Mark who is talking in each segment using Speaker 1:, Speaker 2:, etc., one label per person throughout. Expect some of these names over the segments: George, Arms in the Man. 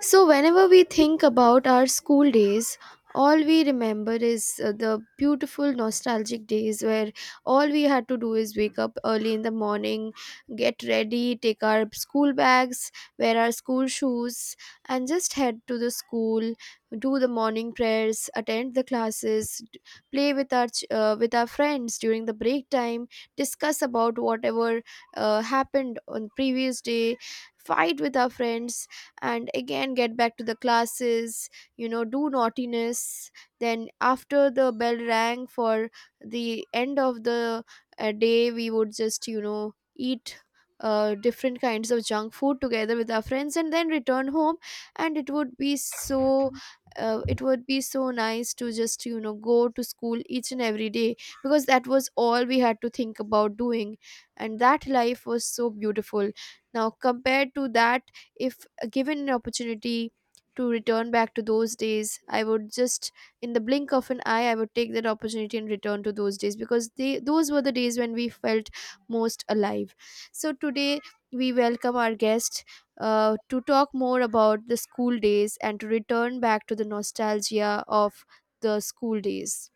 Speaker 1: So, whenever we think about our school days, all we remember is the beautiful nostalgic days where all we had to do is wake up early in the morning, get ready, take our school bags, wear our school shoes, and just head to the school, do the morning prayers, attend the classes, play with with our friends during the break time, discuss about whatever happened on previous day, fight with our friends and again get back to the classes, you know, do naughtiness. Then after the bell rang for the end of the day, we would just, you know, eat different kinds of junk food together with our friends and then return home. And it would be so it would be so nice to just, you know, go to school each and every day because that was all we had to think about doing, and that life was so beautiful. Now compared to that, if given an opportunity to return back to those days, I would just, in the blink of an eye, I would take that opportunity and return to those days because they, those were the days when we felt most alive. So today, we welcome our guest to talk more about the school days and to return back to the nostalgia of the school days.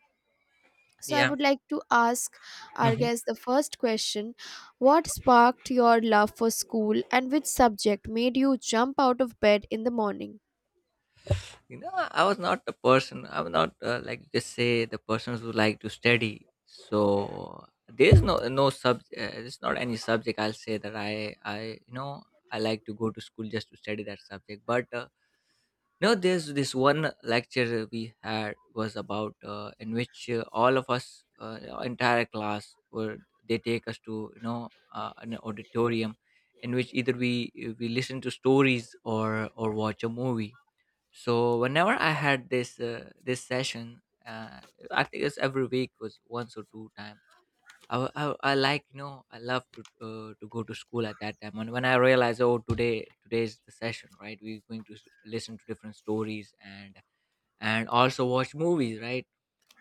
Speaker 1: So I
Speaker 2: Yeah.
Speaker 1: would like to ask our
Speaker 2: Mhm.
Speaker 1: guest the first question. What sparked your love for school and which subject made you jump out of bed in the morning?
Speaker 2: You know, I was not the person. I'm not like you could say the persons who like to study. So there's no no sub. There's not any subject. I'll say that I you know I like to go to school just to study that subject. But no, there's this one lecture we had was about in which all of us entire class were they take us to an auditorium in which either we listen to stories or watch a movie. So whenever I had this session, I think it's every week was once or two time. I I love to go to school at that time. And when I realized, oh, today is the session, right, we're going to listen to different stories and also watch movies, right.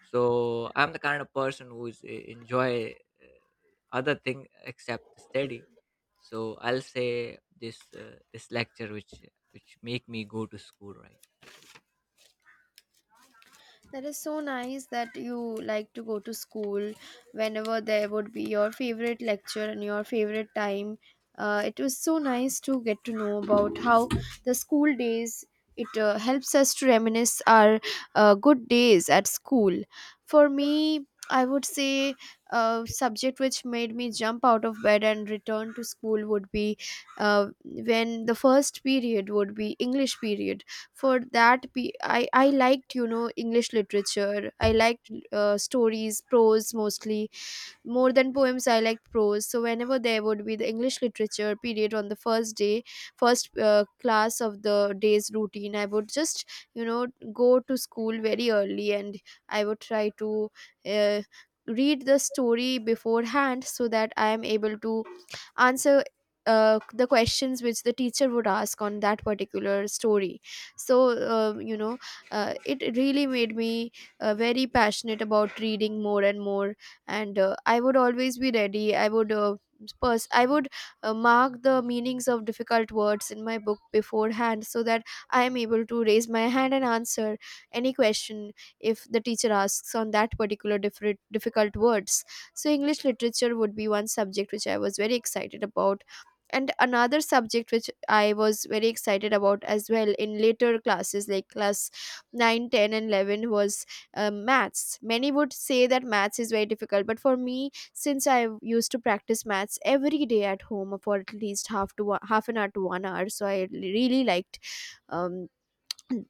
Speaker 2: So I'm the kind of person who's enjoy uh, other thing except the study. So I'll say this lecture which make me go to school, right.
Speaker 1: That is so nice that you like to go to school whenever there would be your favorite lecture and your favorite time. It was so nice to get to know about how the school days, it helps us to reminisce our good days at school. For me, I would say a subject which made me jump out of bed and return to school would be when the first period would be English period. For that, I liked, you know, English literature. I liked stories, prose mostly, more than poems. I liked prose. So whenever there would be the English literature period on the first day, first class of the day's routine, I would just, you know, go to school very early and I would try to uh, read the story beforehand so that I am able to answer the questions which the teacher would ask on that particular story. So, it really made me very passionate about reading more and more. And I would always be ready. I would I would mark the meanings of difficult words in my book beforehand so that I am able to raise my hand and answer any question if the teacher asks on that particular different difficult words. So English literature would be one subject which I was very excited about, and another subject which I was very excited about as well in later classes, like class 9, 10, and 11 was maths. Many would say that maths is very difficult, but for me, since I used to practice maths every day at home for at least half to one, half an hour to 1 hour, so I really liked um,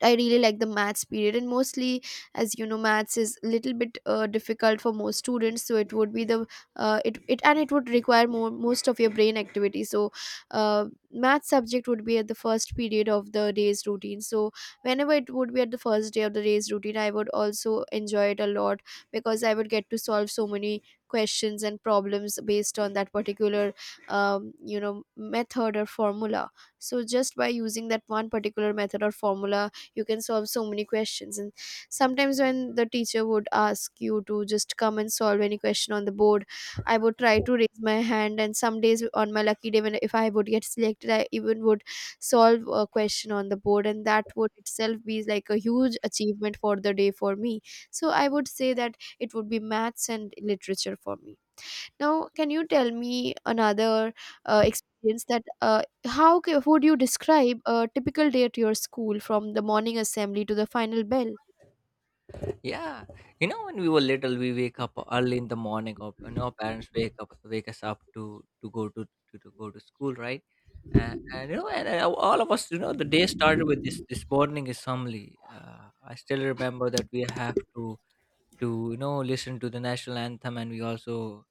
Speaker 1: I really like the maths period. And mostly, as you know, maths is a little bit difficult for most students. So it would be the it would require more, most of your brain activity. So, math subject would be at the first period of the day's routine. So whenever it would be at the first day of the day's routine, I would also enjoy it a lot because I would get to solve so many questions and problems based on that particular you know, method or formula. So just by using that one particular method or formula, you can solve so many questions. And sometimes when the teacher would ask you to just come and solve any question on the board, I would try to raise my hand, and some days on my lucky day, when if I would get selected, I even would solve a question on the board, and that would itself be like a huge achievement for the day for me. So I would say that it would be maths and literature for me. Now, can you tell me another experience that, would you describe a typical day at your school from the morning assembly to the final bell?
Speaker 2: Yeah, you know, when we were little, we wake up early in the morning, or and our parents wake up, wake us up to go to go to school, right? And you know, and, all of us, you know, the day started with this morning assembly. I still remember that we have to listen to the national anthem, and we also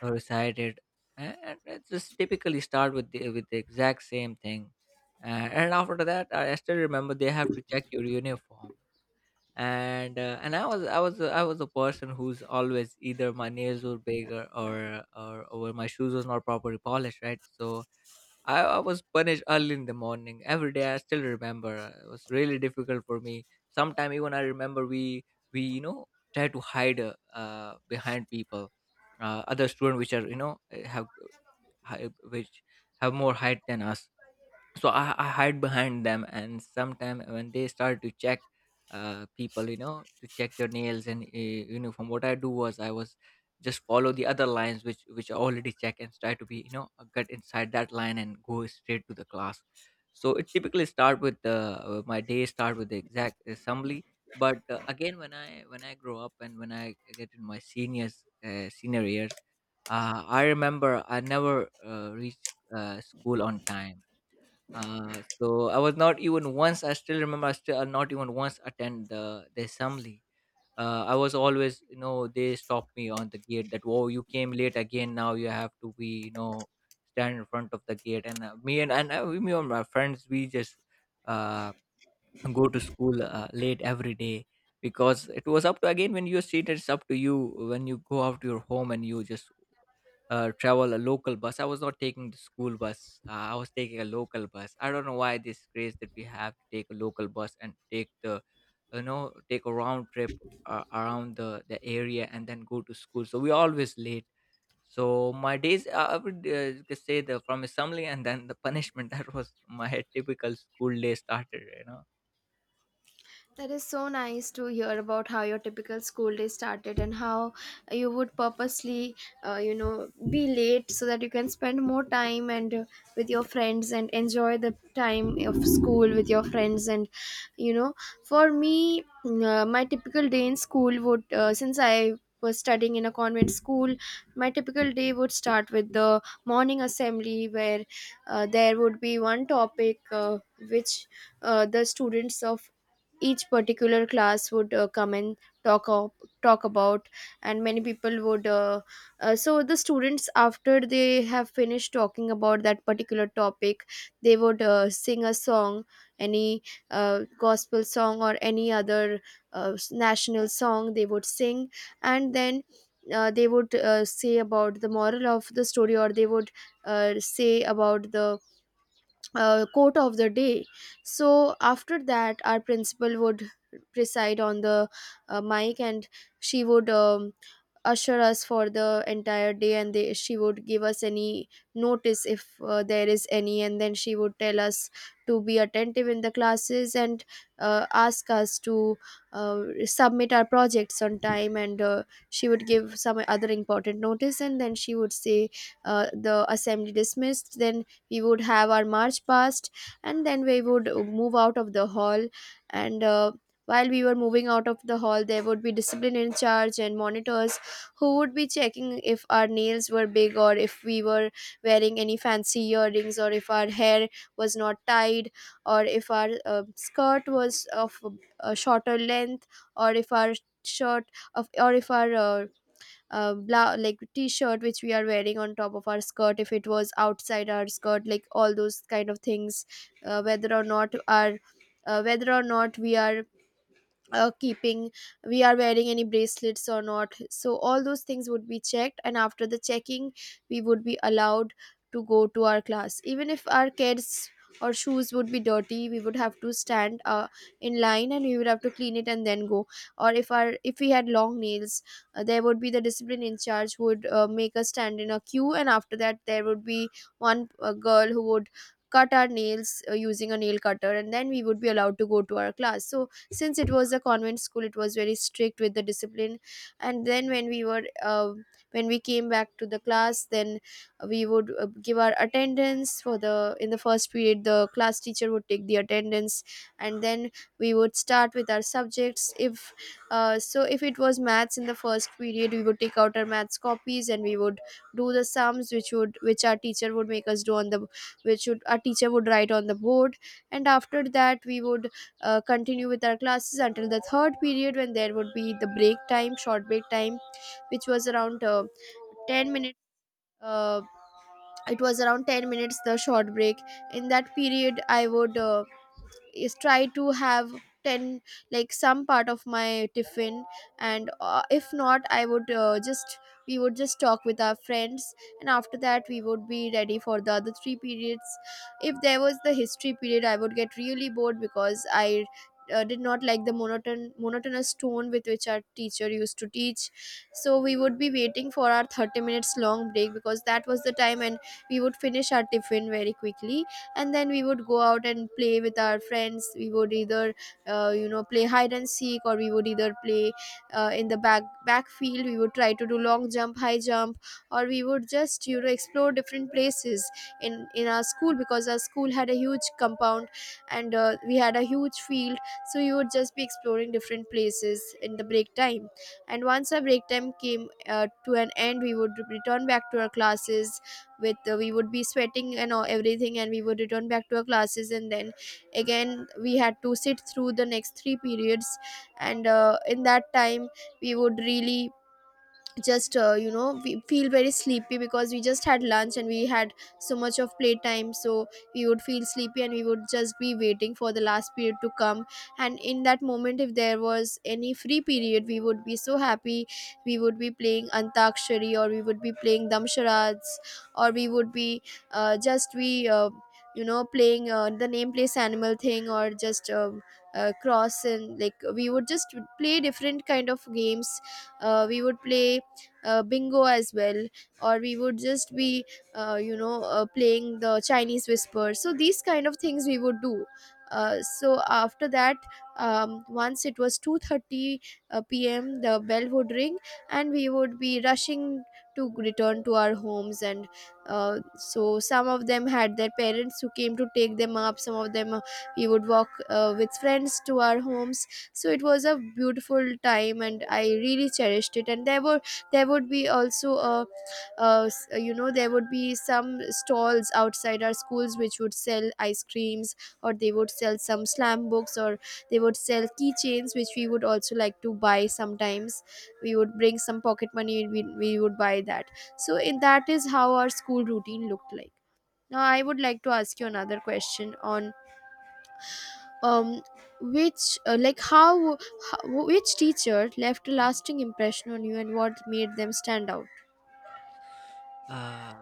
Speaker 2: recited. And it's just typically start with the exact same thing. And after that, I still remember they have to check your uniform and I was a person who's always either my nails were bigger or or my shoes was not properly polished, right? So I was punished early in the morning every day. I still remember it was really difficult for me. Sometime even I remember we we you know try to hide behind people, other students which are have hi- which have more height than us, so I hide behind them and sometime when they start to check people, to check their nails and uniform, what I do was I was just follow the other lines which I already check and try to be, get inside that line and go straight to the class. So it typically start with the my day start with the exact assembly. But again when I grow up and when I get in my seniors senior years, I remember I never reached school on time. So I was not even once. I still remember. I still not even once attend the assembly. I was always, you know, they stopped me on the gate. That, oh, you came late again. Now you have to be, you know, stand in front of the gate. And me and my friends, we just uh go to school late every day, because it was up to, again, when you're seated it's up to you when you go out to your home and you just travel a local bus. I was not taking the school bus. I was taking a local bus. I don't know why this craze that we have to take a local bus and take the, take a round trip around the area and then go to school, so we always late. So my days, I would, you could say the, from assembly and then the punishment that was my typical school day started, you know.
Speaker 1: That is so nice to hear about how your typical school day started and how you would purposely, you know, be late so that you can spend more time and with your friends and enjoy the time of school with your friends. And, you know, for me, my typical day in school would, since I was studying in a convent school, my typical day would start with the morning assembly where there would be one topic which the students of each particular class would come and talk of, talk about. And many people would so the students, after they have finished talking about that particular topic, they would sing a song, any gospel song or any other national song they would sing. And then they would say about the moral of the story, or they would say about the quote of the day. So after that, our principal would preside on the mic, and she would usher us for the entire day, and she would give us any notice if there is any, and then she would tell us to be attentive in the classes, and ask us to submit our projects on time, and she would give some other important notice, and then she would say the assembly dismissed. Then we would have our march past and then we would move out of the hall. And while we were moving out of the hall, there would be discipline in charge and monitors who would be checking if our nails were big, or if we were wearing any fancy earrings, or if our hair was not tied, or if our skirt was of a shorter length, or if our shirt of or if our like t-shirt which we are wearing on top of our skirt, if it was outside our skirt, like all those kind of things, uh, whether or not our whether or not we are keeping we are wearing any bracelets or not. So all those things would be checked, and after the checking we would be allowed to go to our class. Even if our kids or shoes would be dirty, we would have to stand in line and we would have to clean it and then go. Or if our if we had long nails, there would be the discipline in charge who would make us stand in a queue, and after that there would be one girl who would cut our nails using a nail cutter, and then we would be allowed to go to our class. So since it was a convent school, it was very strict with the discipline. And then when we were when we came back to the class, then we would give our attendance for the, in the first period the class teacher would take the attendance, and then we would start with our subjects. If so if it was maths in the first period, we would take out our maths copies and we would do the sums which would, which our teacher would make us do on the, which would our teacher would write on the board. And after that we would continue with our classes until the third period when there would be the break time, short break time, which was around 10 minutes. uh, it was around 10 minutes, the short break. In that period I would is try to have 10, like some part of my tiffin, and if not I would just, we would just talk with our friends. And after that we would be ready for the other three periods. If there was the history period, I would get really bored because I did not like the monotonous tone with which our teacher used to teach. So we would be waiting for our 30 minutes long break, because that was the time, and we would finish our tiffin very quickly, and then we would go out and play with our friends. We would either you know, play hide and seek, or we would either play in the backfield. We would try to do long jump, high jump or we would just explore different places in our school because our school had a huge compound, and we had a huge field. So we would just be exploring different places in the break time, and once our break time came to an end, we would return back to our classes. With We would be sweating and all, everything, and we would return back to our classes, and then again we had to sit through the next three periods. And in that time we would really just you know we feel very sleepy, because we just had lunch and we had so much of playtime. So we would feel sleepy, and we would just be waiting for the last period to come. And in that moment, if there was any free period, we would be so happy. We would be playing antakshari, or we would be playing damsharads, or we would be just be you know playing the name place animal thing, or just cross, and like we would just play different kind of games. We would play bingo as well, or we would just be playing the chinese whisper. So these kind of things we would do. So after that, once it was 2:30 p.m., the bell would ring and we would be rushing to return to our homes. And so some of them had their parents who came to take them up, some of them, we would walk with friends to our homes. So it was a beautiful time and I really cherished it. And there would be also, a s- you know there would be some stalls outside our schools which would sell ice creams, or they would sell some slam books, or they would sell keychains which we would also like to buy sometimes. We would bring some pocket money, we would buy that. So in that is how our school routine looked like. Now I would like to ask you another question on, um which like how which teacher left a lasting impression on you and what made them stand out.
Speaker 2: uh,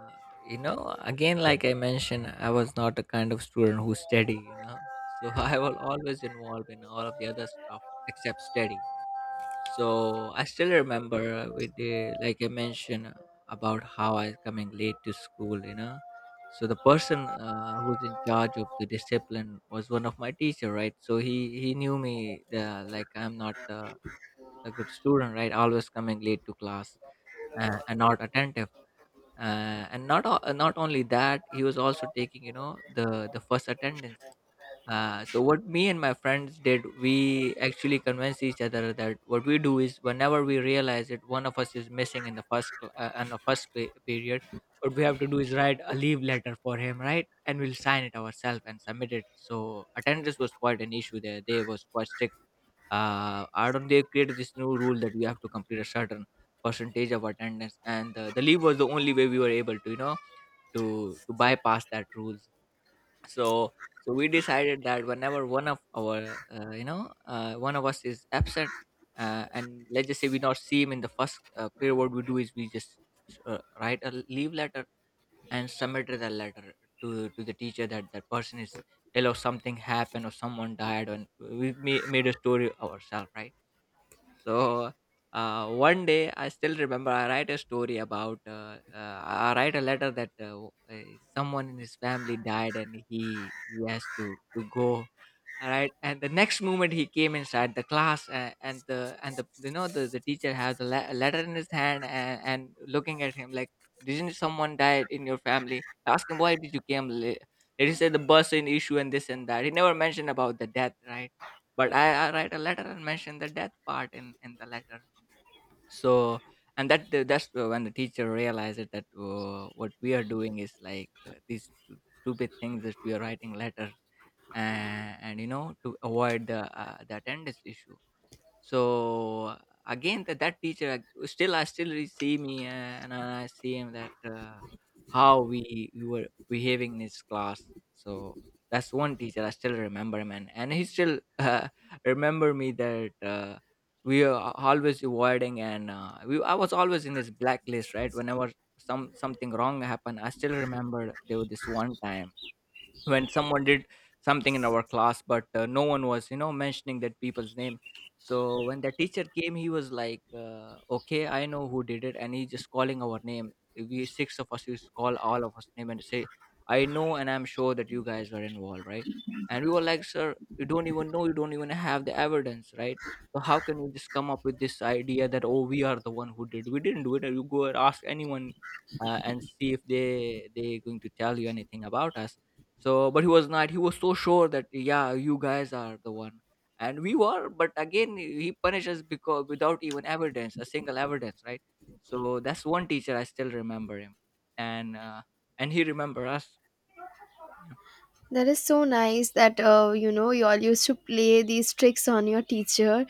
Speaker 2: you know, again, like I mentioned, I was not the kind of student who study, you know. So I was always involved in all of the other stuff except study. So I still remember with the, like I mentioned about how I coming late to school, you know. So the person who's in charge of the discipline was one of my teacher, right. So he knew me, the like I'm not the, a good student, right, always coming late to class, and not attentive, and not only that, he was also taking, you know, the first attendance. So what me and my friends did, we actually convinced each other that what we do is whenever we realize that one of us is missing in the in the first period, what we have to do is write a leave letter for him, right? And we'll sign it ourselves and submit it. So attendance was quite an issue there. They was quite strict. I don't. They created this new rule that we have to complete a certain percentage of attendance, and the leave was the only way we were able to, you know, to bypass that rules. So so we decided that whenever one of our one of us is absent, and let's just say we not see him in the first period, what we do is we just write a leave letter and submit the letter to the teacher that that person is ill or something happened or someone died, and we made a story ourselves, right. So one day, I still remember I write a story about I write a letter that someone in his family died and he has to go. All right. And the next moment he came inside the class, and the and the, you know, the teacher had the letter in his hand, and looking at him like, didn't someone die in your family, ask him why did you came late. Did he said the bus in issue and this and that, he never mentioned about the death, right. But I write a letter and mention the death part in the letter. So and that's when the teacher realized that what we are doing is like these stupid things that we are writing letters, and, you know, to avoid the attendance issue. So again, that teacher, still I still see me and I see him that how we were behaving in his class. So that's one teacher I still remember him, and he still remember me that we are always avoiding, and we I was always in his blacklist, right. Whenever something wrong happened, I still remember there was this one time when someone did something in our class, but no one was, you know, mentioning that people's name. So when the teacher came, he was like, okay, I know who did it. And he just calling our name, we six of us used to call all of us name and say, I know and I'm sure that you guys were involved, right. And we were like, sir, you don't even know, you don't even have the evidence, right. So how can we just come up with this idea that, oh, we are the one who did, we didn't do it, you go and ask anyone, and see if they they going to tell you anything about us. So, but he was not. He was so sure that, yeah, you guys are the one, and we were. But again, he punishes, because without even evidence, a single evidence, right? So that's one teacher I still remember him, and uh, and he remember us. Yeah.
Speaker 1: That is so nice that, you all used to play these tricks on your teacher,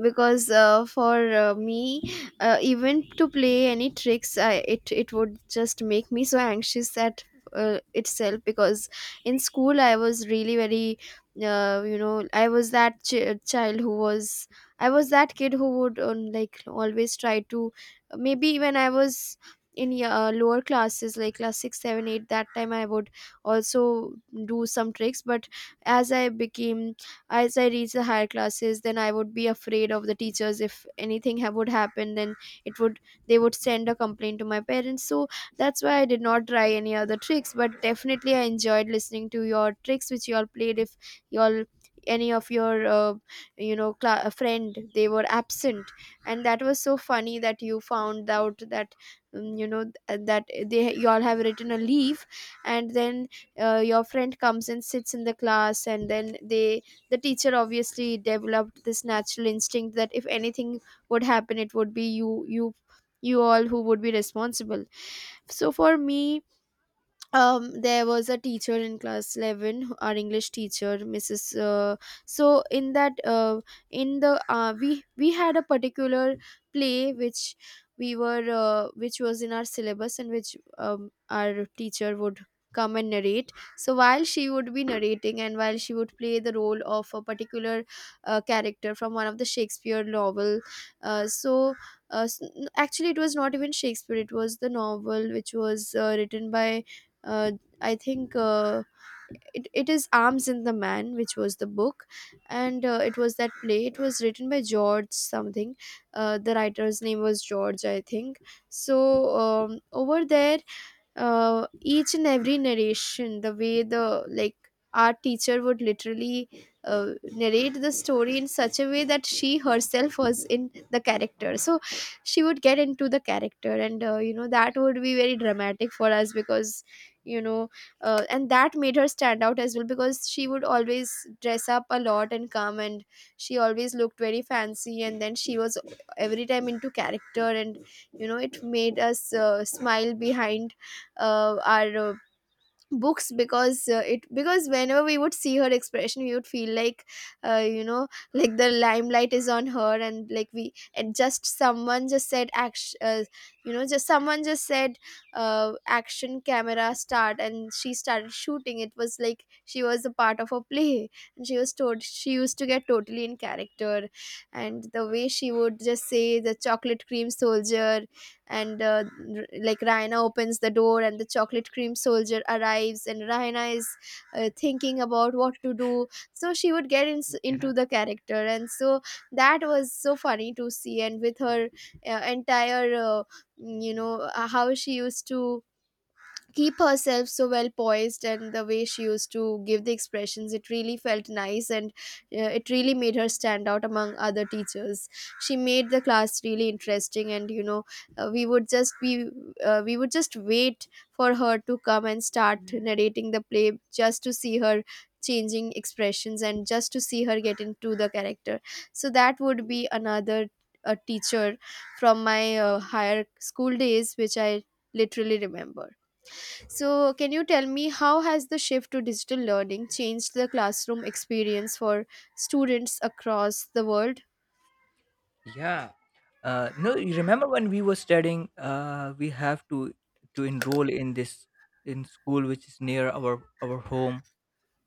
Speaker 1: because for me, even to play any tricks, I, it would just make me so anxious at itself, because in school I was really very you know I was that child who was, I was that kid who would, like, always try to, maybe when I was in lower classes like class 6, 7, 8, that time I would also do some tricks. But as I became as I reached the higher classes, then I would be afraid of the teachers. If anything would happen, then it would they would send a complaint to my parents. So that's why I did not try any other tricks, but definitely I enjoyed listening to your tricks which you all played. If you all any of your, you know cla friend, they were absent, and that was so funny that you found out that, that they you all have written a leaf, and then your friend comes and sits in the class, and then the teacher obviously developed this natural instinct that if anything would happen it would be you all who would be responsible. So for me, there was a teacher in class 11, our English teacher, Mrs. So in the we had a particular play which we were which was in our syllabus, and which our teacher would come and narrate. So while she would be narrating, and while she would play the role of a particular character from one of the Shakespeare novel, uh, so uh, s- actually it was not even Shakespeare, it was the novel which was written by, uh, I think, it is Arms in the Man, which was the book, and it was that play. It was written by George something. The writer's name was George, I think. So, over there, each and every narration, the way the like, our teacher would literally narrate the story in such a way that she herself was in the character. So she would get into the character, and that would be very dramatic for us, because you know and that made her stand out as well, because she would always dress up a lot and come, and she always looked very fancy, and then she was every time into character, and it made us smile behind our books, because it because whenever we would see her expression, we would feel like, uh, you know like the limelight is on her, and like, we and just someone just said action, just someone just said, action, camera, start, and she started shooting. It was like she was a part of a play, and she was told, she used to get totally in character. And the way she would just say, "the chocolate cream soldier," and like, Raina opens the door and the chocolate cream soldier arrives, and Raina is thinking about what to do. So she would get into
Speaker 2: Yeah.
Speaker 1: the character. And so that was so funny to see, and with her entire, how she used to keep herself so well poised, and the way she used to give the expressions, it really felt nice. And it really made her stand out among other teachers. She made the class really interesting, and uh, we would just be we would just wait for her to come and start narrating the play, just to see her changing expressions and just to see her get into the character. So that would be another, a teacher from my higher school days which I literally remember. So, can you tell me how has the shift to digital learning changed the classroom experience for students across the world?
Speaker 2: Yeah. No, you remember when we were studying, we have to enroll in this in school which is near our home,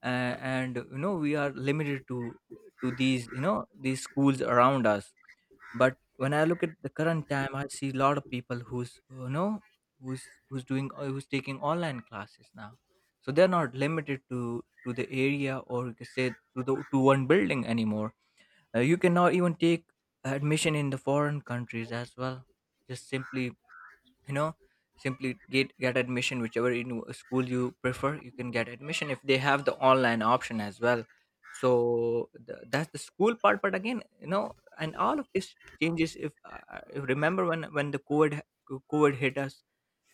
Speaker 2: and you know we are limited to these, these schools around us. But when I look at the current time, I see a lot of people who's, who's doing who's taking online classes now. So they're not limited to the area, or you could say to the to one building anymore. You can now even take admission in the foreign countries as well. Just simply you know simply get admission whichever in school you prefer. You can get admission if they have the online option as well. So that's the school part. But again, and all of this changes if if, remember when the covid hit us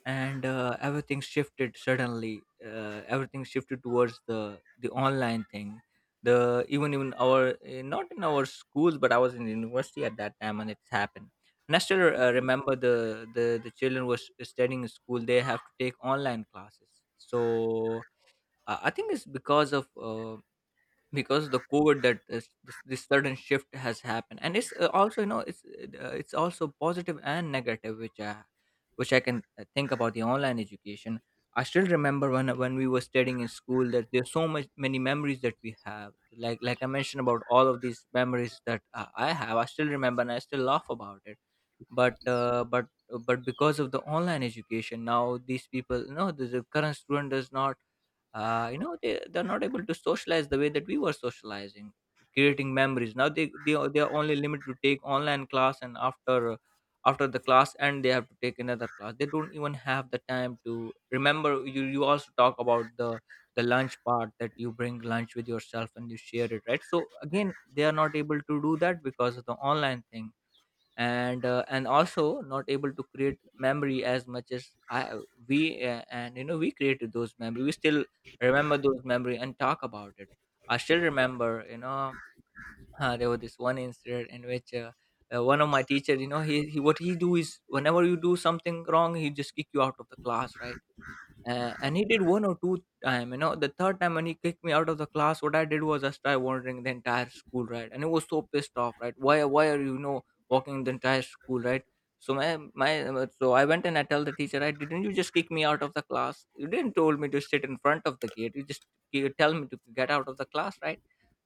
Speaker 2: and everything shifted suddenly. Uh, everything shifted towards the online thing. The even our not in our schools, but I was in university at that time and it's happened. And I still remember the children was studying in school, they have to take online classes. So I think it's because of because the covid, this sudden shift has happened. And it's also, it's also positive and negative, which I which I can think about the online education. I still remember when we were studying in school, that there's so much many memories that we have. Like like I mentioned, about all of these memories that I have, I still remember and I still laugh about it. But but because of the online education now, these people, the current student does not, they're not able to socialize the way that we were socializing, creating memories. Now they are only limited to take online class, and after the class, and they have to take another class, they don't even have the time to remember. You you also talk about the lunch part, that you bring lunch with yourself and you share it, right? So again, they are not able to do that because of the online thing. And and also not able to create memory as much as I we And we created those memory. We still remember those memory and talk about it. I still remember, there was this one incident in which one of my teacher, he what he do is, whenever you do something wrong, he just kick you out of the class, right? And he did one or two time, The third time when he kicked me out of the class, what I did was I started wandering the entire school, right? And he was so pissed off, right? Why are you, walking the entire school, right? So so I went and I tell the teacher, I didn't you just kick me out of the class? You didn't told me to sit in front of the gate. You just you tell me to get out of the class, right?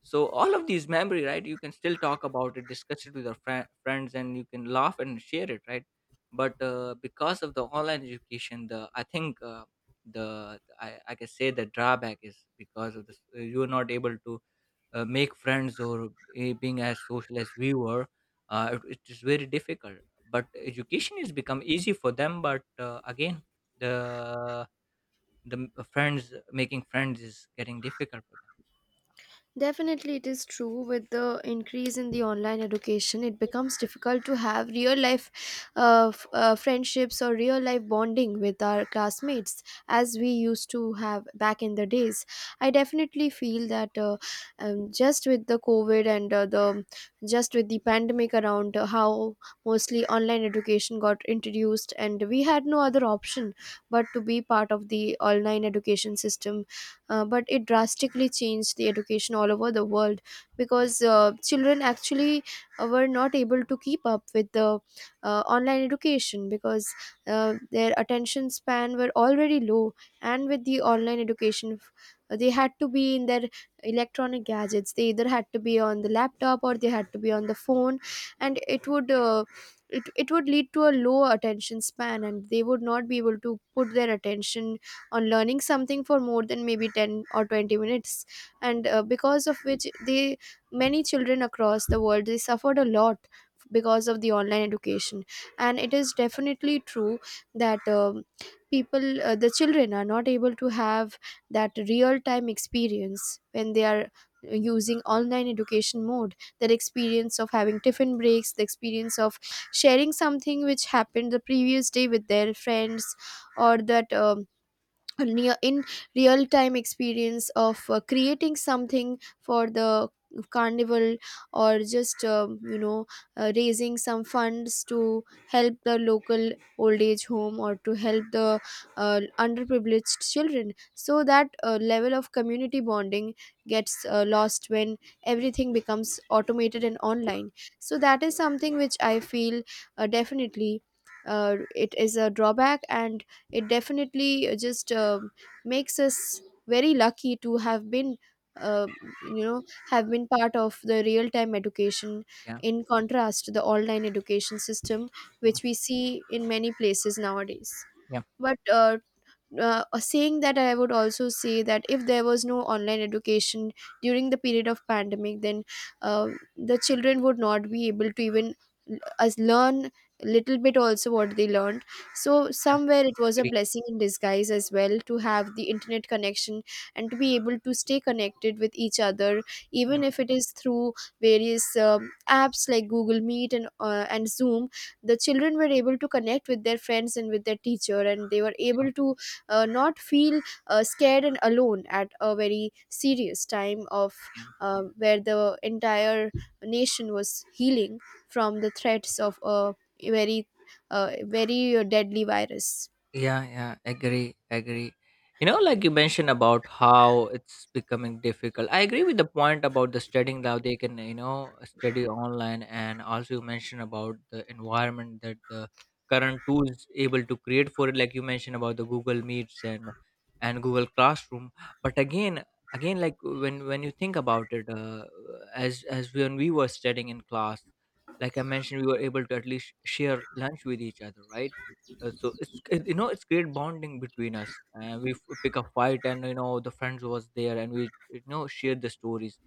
Speaker 2: So all of these memory, right? You can still talk about it, discuss it with your friends, and you can laugh and share it, right? But because of the online education, the I think. The I can say the drawback is because of this, you're not able to make friends, or being as social as we were. Uh, it is very difficult. But education has become easy for them. But again, the friends, making friends is getting difficult for them.
Speaker 1: Definitely, it is true. With the increase in the online education, it becomes difficult to have real life friendships or real life bonding with our classmates as we used to have back in the days. I definitely feel that, just with the COVID and, the just with the pandemic around, how mostly online education got introduced, and we had no other option but to be part of the online education system. But it drastically changed the education all over the world, because children actually were not able to keep up with the online education, because their attention span were already low, and with the online education, they had to be in their electronic gadgets. They either had to be on the laptop or they had to be on the phone, and it would lead to a low attention span, and they would not be able to put their attention on learning something for more than maybe 10 or 20 minutes. And because of which the many children across the world, they suffered a lot because of the online education. And it is definitely true that, people the children are not able to have that real time experience when they are using online education mode. That experience of having tiffin breaks, the experience of sharing something which happened the previous day with their friends, or that near, in real time experience of creating something for the carnival, or just raising some funds to help the local old age home, or to help the underprivileged children, so that level of community bonding gets lost when everything becomes automated and online. So that is something which I feel, definitely, it is a drawback, and it definitely just makes us very lucky to have been, uh, you know have been part of the real time education,
Speaker 2: Yeah.
Speaker 1: in contrast to the online education system
Speaker 2: Yeah.
Speaker 1: which we see in many places nowadays.
Speaker 2: Yeah.
Speaker 1: But saying that, I would also say that if there was no online education during the period of pandemic, then uh, the children would not be able to even l- as learn little bit also what they learned. So
Speaker 2: Yeah,
Speaker 1: somewhere it was a
Speaker 2: agree.
Speaker 1: blessing in disguise as well to have the internet connection and to be able to stay connected with each other,
Speaker 2: Yeah,
Speaker 1: even if it is through various apps like Google Meet and and Zoom. The children were able to connect with their friends and with their teacher, and they were able to not feel scared and alone at a very serious time of,
Speaker 2: yeah.
Speaker 1: where the entire nation was healing from the threats of a very, very deadly virus.
Speaker 2: Yeah, yeah, agree, agree. You know, like you mentioned about how it's becoming difficult. I agree with the point about the studying now, they can, you know, study online. And also you mentioned about the environment that the current tools able to create for it. Like you mentioned about the Google Meets and Google Classroom. But again, like when you think about it, as when we were studying in class, like I mentioned, we were able to at least share lunch with each other, right? So it's you know, it's great bonding between us. And we pick a fight, and you know, the friends was there, and we, you know, share the stories.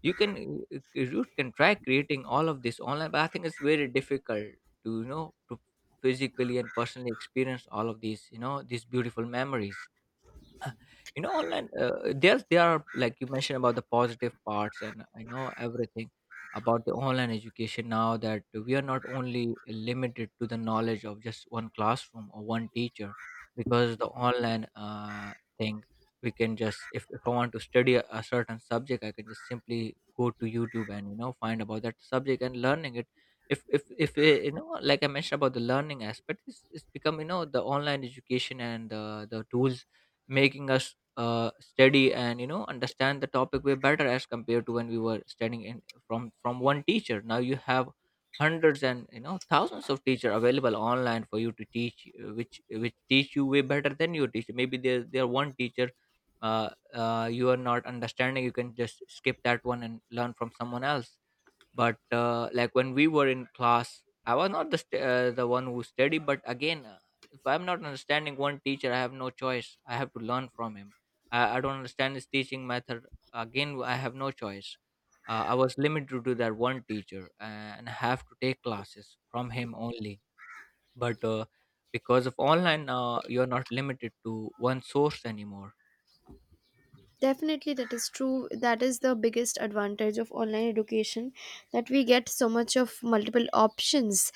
Speaker 2: You can you can try creating all of this online, but I think it's very difficult to, you know, to physically and personally experience all of these, you know, these beautiful memories, you know, online. Uh, there are, like you mentioned, about the positive parts. And I know everything about the online education now, that we are not only limited to the knowledge of just one classroom or one teacher, because the online thing, we can just, if I want to study a certain subject, I can just simply go to YouTube and you know, find about that subject and learning it. If if you know, like I mentioned about the learning aspect, it's become, you know, the online education and the tools making us study and you know, understand the topic way better as compared to when we were studying in, from one teacher. Now you have hundreds and you know, thousands of teacher available online for you to teach, which teach you way better than your teacher. Maybe there one teacher you are not understanding, you can just skip that one and learn from someone else. But like when we were in class, I was not the the one who studied. But again, if I'm not understanding one teacher, I have no choice, I have to learn from him. I don't understand his teaching method, again, I have no choice. I was limited to that one teacher and I have to take classes from him only. But because of online, you're not limited to one source anymore.
Speaker 1: Definitely, that is true. That is the biggest advantage of online education, that we get so much of multiple options,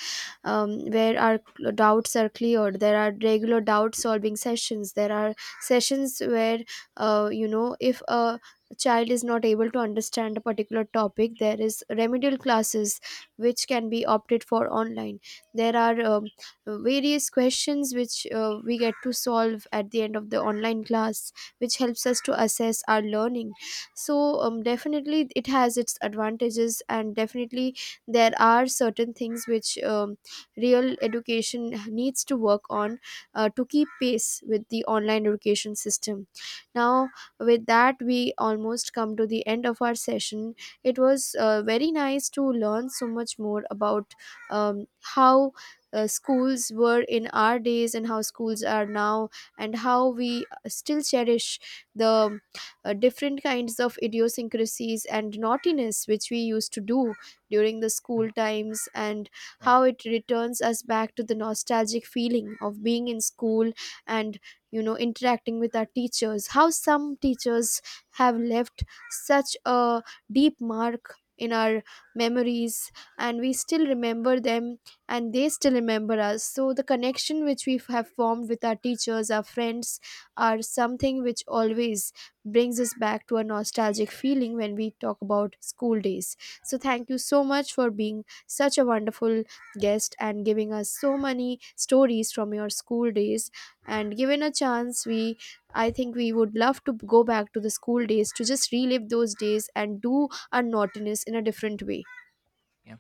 Speaker 1: where our doubts are cleared. There are regular doubt solving sessions. There are sessions where, if a child is not able to understand a particular topic, there is remedial classes which can be opted for online. There are various questions which we get to solve at the end of the online class, which helps us to assess our learning. So, definitely it has its advantages, and definitely there are certain things which real education needs to work on, to keep pace with the online education system now. With that, we almost come to the end of our session. It was very nice to learn so much more about, how schools were in our days and how schools are now, and how we still cherish the different kinds of idiosyncrasies and naughtiness which we used to do during the school times, and
Speaker 2: Yeah.
Speaker 1: how it returns us back to the nostalgic feeling of being in school, and interacting with our teachers, how some teachers have left such a deep mark in our memories, and we still remember them, and they still remember us. So the connection which we have formed with our teachers, our friends, are something which always brings us back to a nostalgic feeling when we talk about school days. So, thank you so much for being such a wonderful guest and giving us so many stories from your school days. And given a chance, we I think we would love to go back to the school days, to just relive those days and do our naughtiness in a different way.
Speaker 2: Yeah.